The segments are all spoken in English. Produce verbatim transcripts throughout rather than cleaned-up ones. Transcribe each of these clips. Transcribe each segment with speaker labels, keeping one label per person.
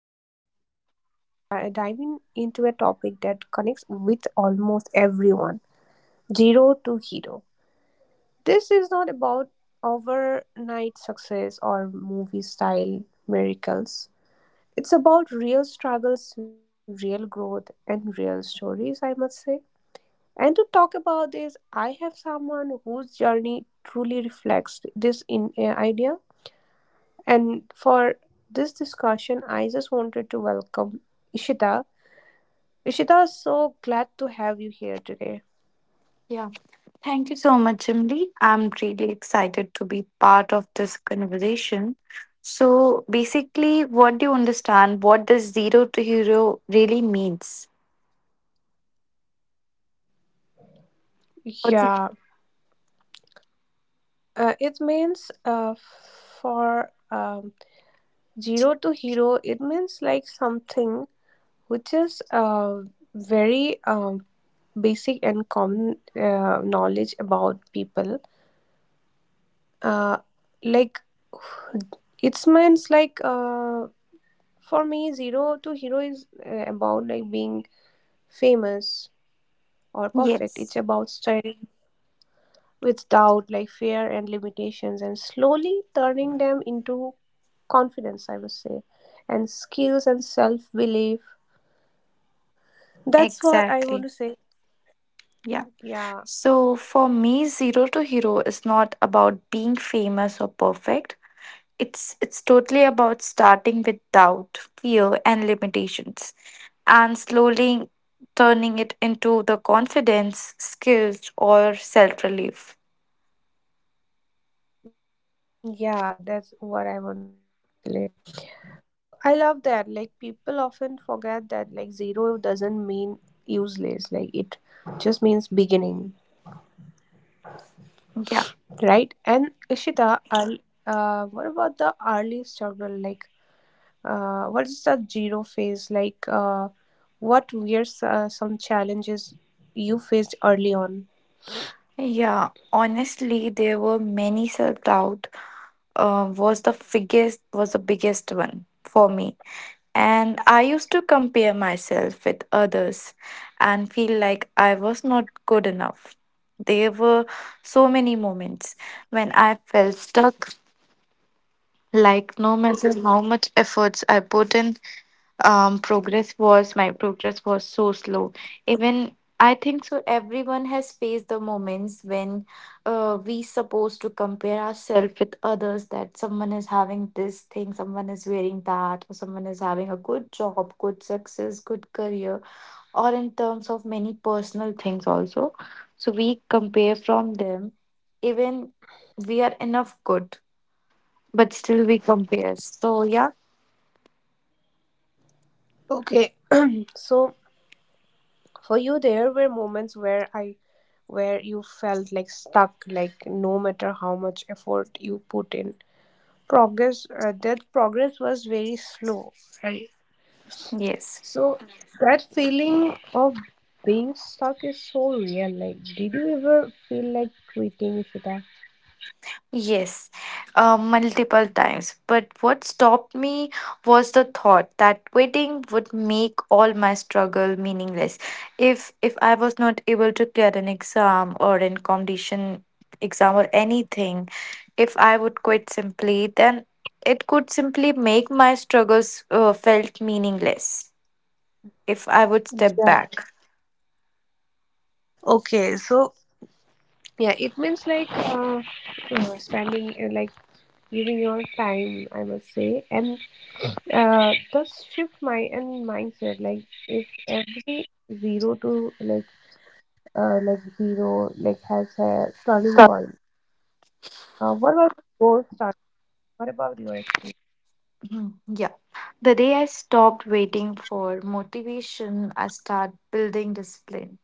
Speaker 1: dri- diving into a topic that connects with almost everyone, zero to hero. This is not about overnight success or movie style miracles. It's about real struggles, real growth, and real stories, I must say. And to talk about this, I have someone whose journey truly reflects this in uh, idea. And for this discussion, I just wanted to welcome Ishita. Ishita, so glad to have you here today.
Speaker 2: Yeah. Thank you so much, Emily. I'm really excited to be part of this conversation. So basically, what do you understand? What does zero to hero really means? What do
Speaker 1: Yeah, uh, it means, uh, for um, zero to hero, it means like something which is, uh, very, um, basic and common, uh, knowledge about people, uh, like, it's means like uh, for me zero to hero is, uh, about like being famous or
Speaker 2: you-
Speaker 1: perfect. It's
Speaker 2: yes,
Speaker 1: about starting with doubt, like fear and limitations, and slowly turning them into confidence, I would say, and skills and self belief. That's what I want
Speaker 2: exactly.
Speaker 1: to say.
Speaker 2: Yeah.
Speaker 1: Yeah.
Speaker 2: So for me, zero to hero is not about being famous or perfect. It's it's totally about starting with doubt, fear and limitations and slowly turning it into the confidence, skills or self-relief.
Speaker 1: yeah that's what I want to say actually. So I love that. Like people often forget that like zero doesn't mean useless. Like it just means beginning, right? And
Speaker 2: Yeah.
Speaker 1: Ishita, I'll- uh, what about the early struggle? Like, uh, what's the zero phase? Like, uh, what were uh, some challenges you faced early on?
Speaker 2: Yeah, honestly, there were many self-doubt. Uh, was the biggest was the biggest one for me. And I used to compare myself with others and feel like I was not good enough. There were so many moments when I felt stuck. Like no matter how much efforts I put in, um, progress was my progress was so slow. Even I think so. Everyone has faced the moments when uh, we supposed to compare ourselves with others. That someone is having this thing, someone is wearing that, or someone is having a good job, good success, good career, or in terms of many personal things also. So we compare from them, even we are enough good but still we compare. So yeah.
Speaker 1: Okay, so for you, there were moments where I, where you felt like stuck, like no matter how much effort you put in, progress, uh, that progress was very slow, right?
Speaker 2: Yes.
Speaker 1: So that feeling of being stuck is so real. Like did you ever feel like quitting, Ishita?
Speaker 2: Yes, uh, multiple times. But what stopped me was the thought that quitting would make all my struggle meaningless. If if I was not able to clear an exam or an competition exam or anything, if I would quit simply, then it could simply make my struggles uh, felt meaningless. If I would step
Speaker 1: Yeah,
Speaker 2: back.
Speaker 1: okay, so yeah, it means like, uh, uh, spending, uh, like giving your time, I must say, and uh just shift my and mindset, like if every zero to like, uh like zero like has a turning point. Uh, what was your— what about you, actually?
Speaker 2: Hmm, Yeah. The day I stopped waiting for motivation, I start building discipline.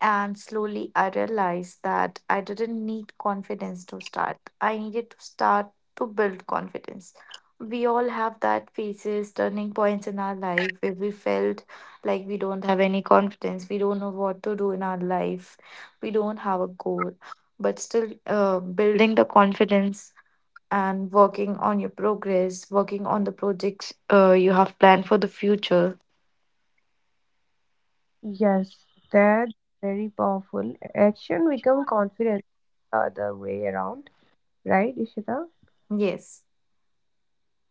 Speaker 2: And slowly I realized that I didn't need confidence to start. I needed to start to build confidence. We all have that phases, turning points in our life where we felt like we don't have any confidence. We don't know what to do in our life. We don't have a goal. But still, uh, building the confidence and working on your progress, working on the projects uh, you have planned for the future.
Speaker 1: Yes, that's very powerful. Action become confidence the other way around, right, Ishita?
Speaker 2: Yes,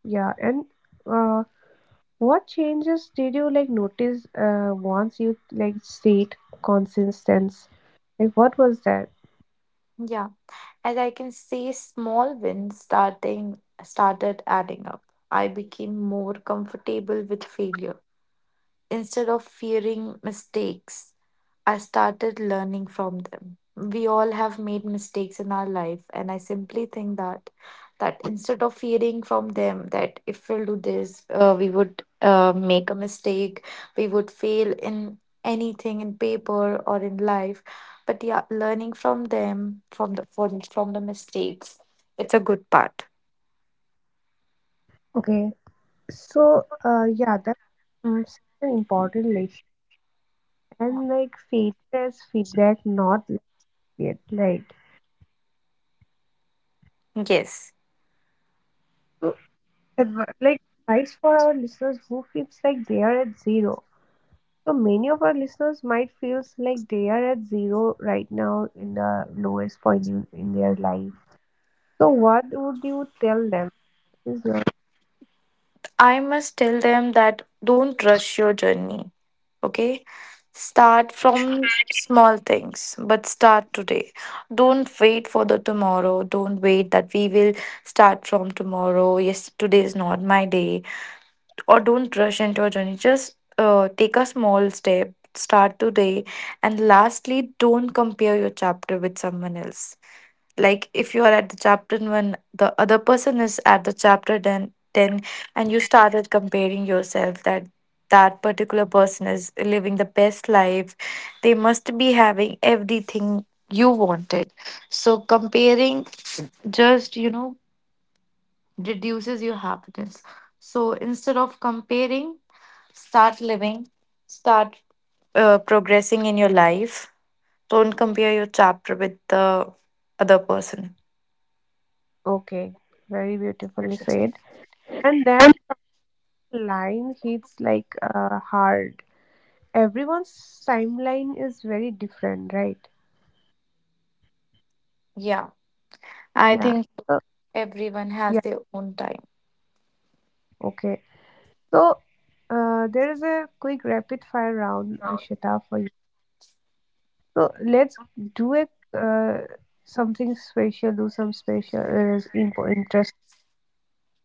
Speaker 1: Yeah, and uh, what changes did you like notice uh, once you like state consistence? Like, what was that?
Speaker 2: yeah. As I can see, small wins starting started adding up. I became more comfortable with failure. Instead of fearing mistakes, I started learning from them. We all have made mistakes in our life, and I simply think that that instead of fearing from them that if we'll do this, uh, we would uh, make a mistake, we would fail in anything in paper or in life. But yeah, learning from them, from the from, from the mistakes, it's a good part.
Speaker 1: Okay, so uh, yeah, that's, um, such an important lesson. And like failure as feedback, not yet, right?
Speaker 2: Yes.
Speaker 1: So, adv- like advice for our listeners who feels like they are at zero. So many of our listeners might feels like they are at zero right now in the lowest point in, in their life. So what would you tell them? Is your—
Speaker 2: I must tell them that don't rush your journey. Okay? Start from small things, but start today. Don't wait for the tomorrow. Don't wait that we will start from tomorrow. Yes, today is not my day or don't rush into your journey. Just uh, take a small step, start today, and lastly, don't compare your chapter with someone else. Like if you are at the chapter one, the other person is at the chapter then ten, and you started comparing yourself that that particular person is living the best life. They must be having everything you wanted. So comparing, just you know, reduces your happiness. So instead of comparing, start living, start uh, progressing in your life. Don't compare your chapter with the other person.
Speaker 1: okay, very beautifully said. And that line hits like uh, hard. Everyone's timeline is very different, right?
Speaker 2: Yeah, I
Speaker 1: Yeah,
Speaker 2: think
Speaker 1: so,
Speaker 2: everyone has
Speaker 1: yeah,
Speaker 2: their own time.
Speaker 1: okay, so, uh, there is a quick rapid fire round, Ishita, for you. So let's do it. uh, Something special. Do some special uh, info interest.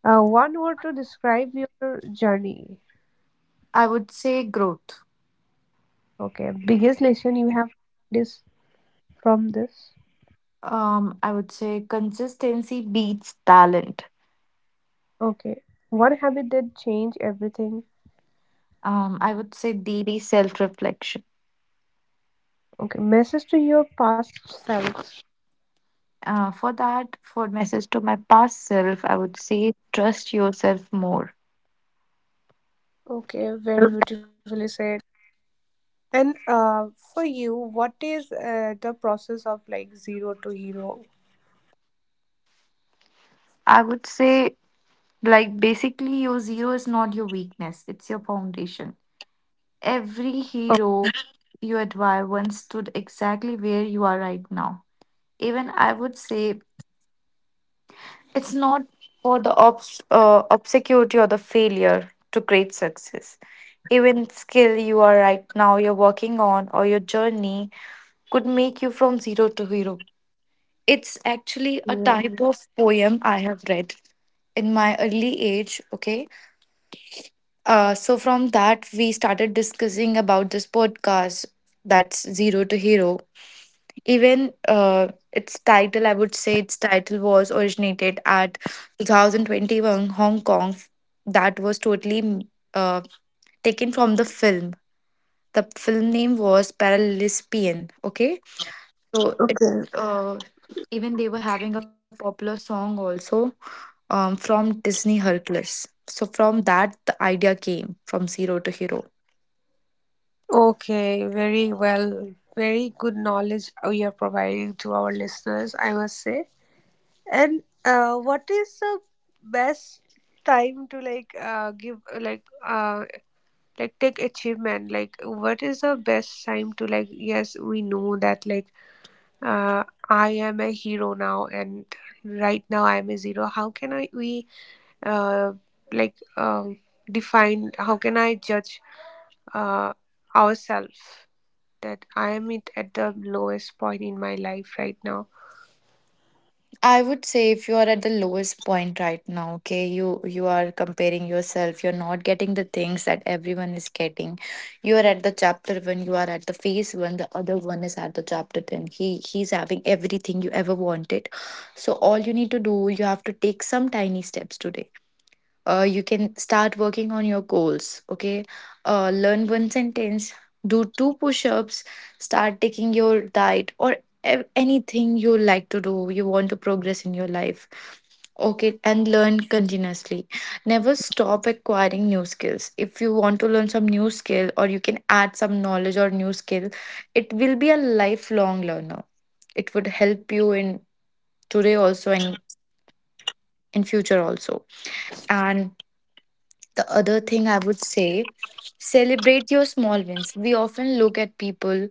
Speaker 1: Uh, one word to describe your journey.
Speaker 2: I would say growth.
Speaker 1: Okay, biggest lesson you have this from this.
Speaker 2: Um, I would say consistency beats talent.
Speaker 1: Okay, one habit that changed everything.
Speaker 2: Um, I would say daily self reflection.
Speaker 1: Okay, message to your past self.
Speaker 2: Uh, for that, for message to my past self, I would say trust yourself more.
Speaker 1: Okay, very beautifully said. And uh, for you, what is uh, the process of like zero to hero?
Speaker 2: I would say, like, basically your zero is not your weakness, it's your foundation. Every hero you admire once stood exactly where you are right now. Even I would say it's not for the obs- uh, obscurity or the failure to create success. Even skill you are right now you're working on or your journey could make you from zero to hero. It's actually a
Speaker 1: Okay.
Speaker 2: type of poem I have read in my early age, okay? Uh, so from that, we started discussing about this podcast, that's Zero to Hero. Even uh, its title, I would say its title was originated at twenty twenty-one Hong Kong. That was totally uh, taken from the film. The film name was Paralispian. Okay, so it
Speaker 1: Okay.
Speaker 2: uh, even they were having a popular song also um, from Disney Hercules. So from that, the idea came from Zero to Hero.
Speaker 1: Okay, very well. Very good knowledge uh, you're providing to our listeners, I must say. And uh, what is the best time to like, uh, give uh, like uh like take achievement? Like what is the best time to like, yes, we know that like, uh I am a hero now, and right now I am a zero. How can I we uh like um define, how can I judge uh ourselves that I am it at the lowest point in my life right now.
Speaker 2: I would say if you are at the lowest point right now, okay, you you are comparing yourself, you're not getting the things that everyone is getting. You are at the chapter one, you are at the phase one, the other one is at the chapter ten. He he's having everything you ever wanted. So all you need to do, you have to take some tiny steps today. Uh, you can start working on your goals, okay? Uh, learn one sentence, do two push-ups, start taking your diet, or a- anything you like to do. You want to progress in your life, okay? And learn continuously. Never stop acquiring new skills. If you want to learn some new skill, or you can add some knowledge or new skill, it will be a lifelong learner. It would help you in today also and in future also. And the other thing I would say, celebrate your small wins. We often look at people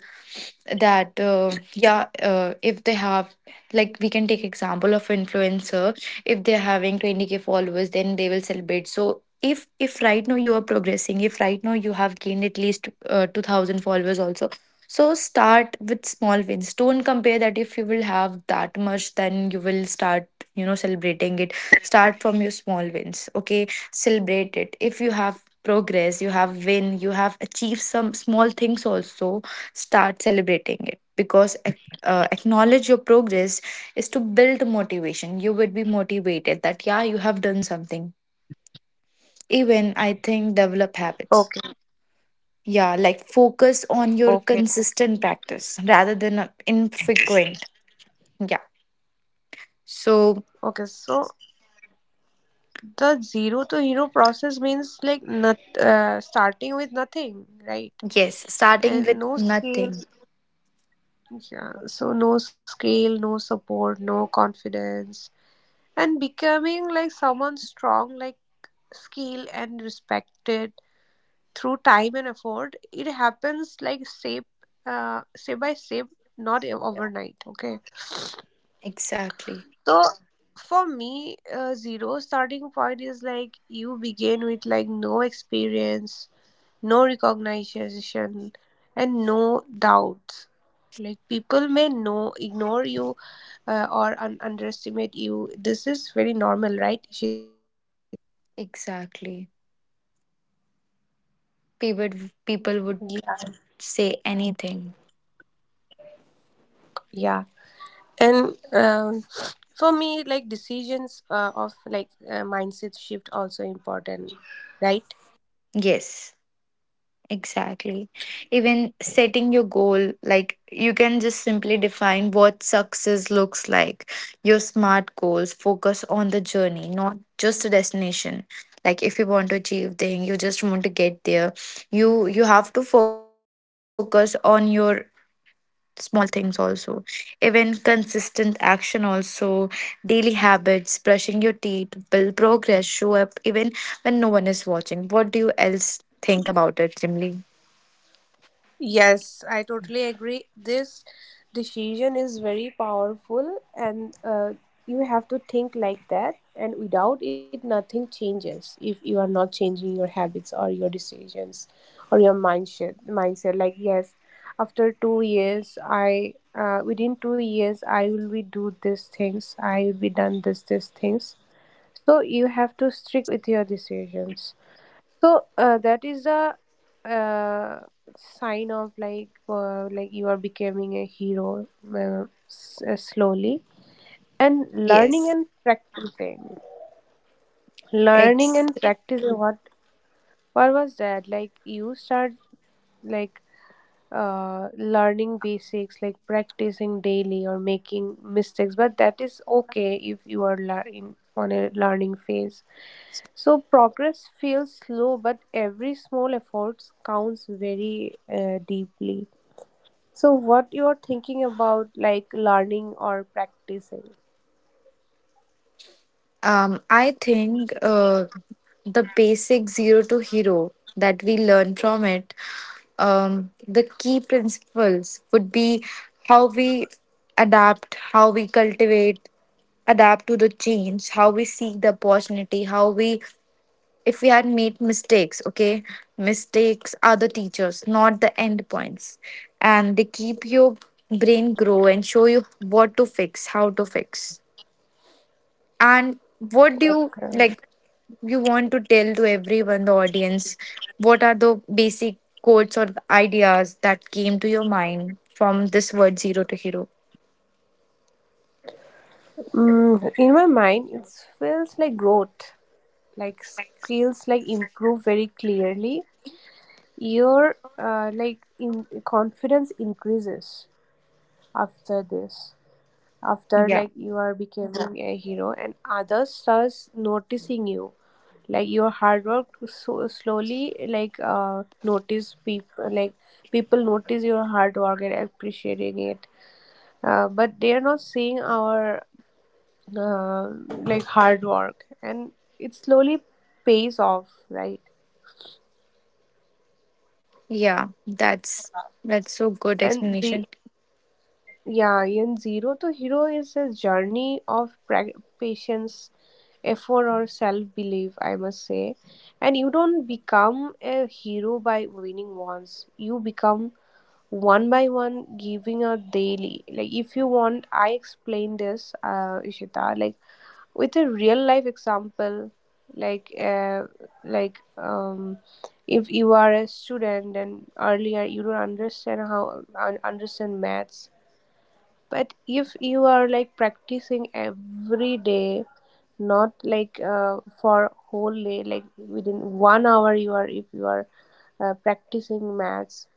Speaker 2: that uh, yeah, uh, if they have, like, we can take example of influencer. If they're having twenty k followers, then they will celebrate. So if if right now you are progressing, if right now you have gained at least uh, two thousand followers also, so start with small wins. Don't compare that if you will have that much then you will start, you know, celebrating it. Start from your small wins, okay? Celebrate it if you have progress, you have win, you have achieved some small things also. Start celebrating it because ac- uh, acknowledge your progress is to build motivation. You would be motivated that yeah, you have done something. Even I think develop
Speaker 1: Okay.
Speaker 2: habits, yeah, like focus
Speaker 1: Okay,
Speaker 2: on your consistent practice rather than a infrequent, yeah. So
Speaker 1: okay. So the zero to hero process means like not uh, starting with nothing, right?
Speaker 2: yes, starting
Speaker 1: And
Speaker 2: with
Speaker 1: no scale.
Speaker 2: nothing.
Speaker 1: Yeah. So no scale, no support, no confidence, and becoming like someone strong, like skilled and respected through time and effort. It happens like step, uh, step by step, not overnight. Okay.
Speaker 2: Exactly.
Speaker 1: So for me, uh, zero starting point is like you begin with like no experience, no recognition, and no doubts. Like people may know, ignore you, uh, or un- underestimate you. This is very normal, right? Shita, what say?
Speaker 2: Exactly, people, people would
Speaker 1: Yeah,
Speaker 2: say anything.
Speaker 1: yeah. And um, for me, like decisions uh, of like, uh, mindset shift also important, right?
Speaker 2: Yes, exactly. Even setting your goal, like you can just simply define what success looks like. Your smart goals, focus on the journey, not just the destination. Like if you want to achieve thing, you just want to get there, you you have to focus on your small things also. Even consistent action also. Daily habits, brushing your teeth, build progress, show up even when no one is watching. What do you else think about it, Jimly?
Speaker 1: Yes, I totally agree. This decision is very powerful, and uh, you have to think like that. And without it, nothing changes if you are not changing your habits or your decisions or your mindset. Mindset, like yes, after two years, I uh, within two years, I will be do these things. I will be done this these things. So you have to stick with your decisions. So uh, that is a, uh, sign of like, uh, like you are becoming a hero, uh, s- uh, slowly, and learning
Speaker 2: Yes,
Speaker 1: and practicing. Learning
Speaker 2: ex-
Speaker 1: and practicing what— what was that? Like you start like, uh, learning basics, like practicing daily or making mistakes. But that is okay if you are learning on a learning phase. So progress feels slow, but every small efforts counts very uh, deeply. So what you are thinking about like learning or practicing?
Speaker 2: Um, I think uh, the basic zero to hero that we learn from it, um, the key principles would be how we adapt, how we cultivate, adapt to the change, how we seek the opportunity, how we, if we had made mistakes, okay, mistakes are the teachers, not the end points. And they keep your brain grow and show you what to fix, how to fix. And what do you
Speaker 1: Okay.
Speaker 2: like you want to tell to everyone, the audience? What are the basic quotes or ideas that came to your mind from this word zero to hero?
Speaker 1: Mm, in my mind it feels like growth, like skills like improve very clearly. Your uh, like in confidence increases after this, after
Speaker 2: Yeah.
Speaker 1: like you are becoming a hero and others starts noticing you, like your hard work. So slowly, like uh notice people like people notice your hard work and appreciating it. Uh, but they are not seeing our, uh, like hard work, and it slowly pays off, right?
Speaker 2: Yeah. That's that's so good
Speaker 1: And the,
Speaker 2: explanation.
Speaker 1: yeah, in zero to hero is a journey of pra- patience, effort, or self-belief, I must say. And you don't become a hero by winning once. You become one by one giving a daily. Like if you want, I explain this, uh Ishita, like with a real life example. Like, uh, like um if you are a student and earlier you don't understand how un- understand maths, but if you are like practicing every day, not like uh, for whole day, like within one hour you are, if you are uh, practicing maths,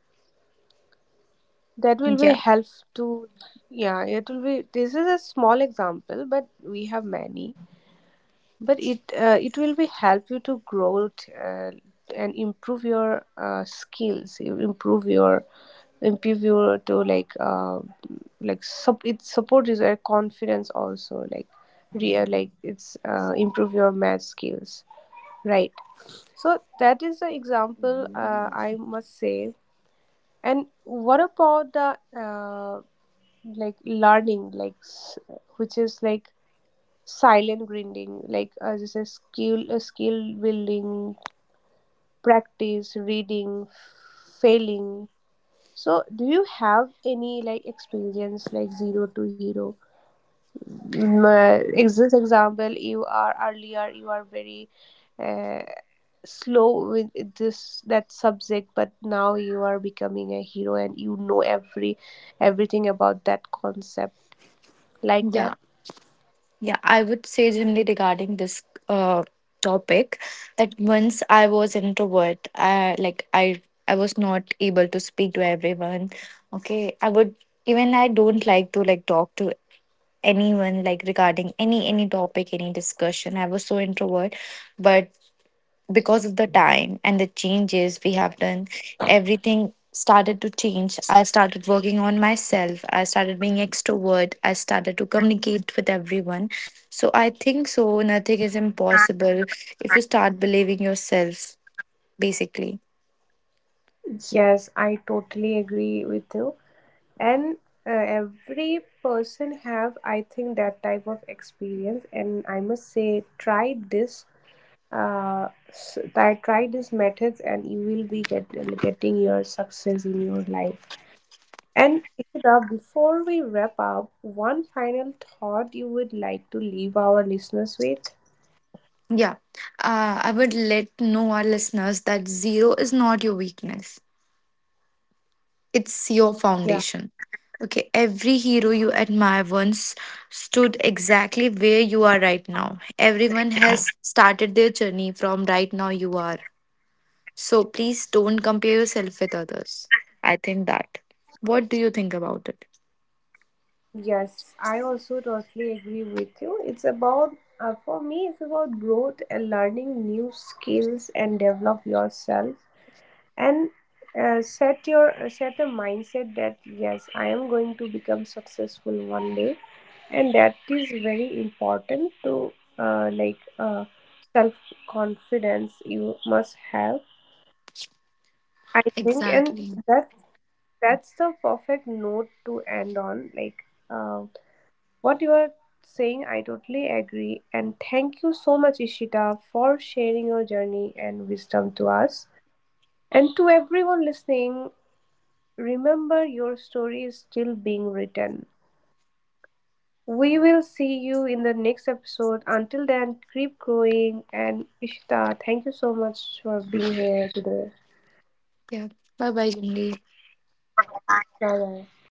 Speaker 1: that will be
Speaker 2: Yeah.
Speaker 1: help to, yeah, it will be— this is a small example, but we have many. But it uh, it will be help you to grow it, uh, and improve your uh, skills. You improve your, improve your to like, uh, like sup it supports your confidence also, like real like, it's uh, improve your math skills, right? So that is the example, uh, I must say. And what about the, uh, like learning like, s- which is like silent grinding, like as I say, skill uh, skill building, practice, reading, failing. So do you have any like experience like zero to hero? Mm, uh, ex- this example, you are earlier you are very, uh, slow with this that subject, but now you are becoming a hero and you know every everything about that concept, like that.
Speaker 2: Yeah. Yeah, I would say generally regarding this uh, topic that once I was introvert, I like I I was not able to speak to everyone. Okay, I would, even I don't like to like talk to anyone, like regarding any any topic any discussion. I was so introvert, but because of the time and the changes we have done, everything started to change. I started working on myself. I started being extrovert. I started to communicate with everyone. So I think so. Nothing is impossible if you start believing yourself, basically.
Speaker 1: Yes, I totally agree with you. And uh, every person have, I think, that type of experience. And I must say, try this. Uh, s- try try these methods, and you will be get, getting your success in your life. And Ikra, before we wrap up, one final thought you would like to leave our listeners with?
Speaker 2: Yeah. Uh, I would let know our listeners that zero is not your weakness, it's your
Speaker 1: Yeah.
Speaker 2: foundation. Okay, every hero you admire once stood exactly where you are right now. Everyone has started their journey from right now you are. So please don't compare yourself with others. I think that. What do you think about it?
Speaker 1: Yes, I also totally agree with you. It's about, uh, for me, it's about growth and learning new skills and develop yourself, and uh, set your uh, set a mindset that yes, I am going to become successful one day, and that is very important to, uh, like uh, self confidence you must have, I think. And
Speaker 2: Exactly.
Speaker 1: that, that's the perfect note to end on, like. Uh, What you are saying, I totally agree. And thank you so much, Ishita, for sharing your journey and wisdom to us. And to everyone listening, remember your story is still being written. We will see you in the next episode. Until then, keep growing. And Ishita, thank you so much for being here today.
Speaker 2: Yeah. Bye bye, Jimli.
Speaker 1: Bye bye.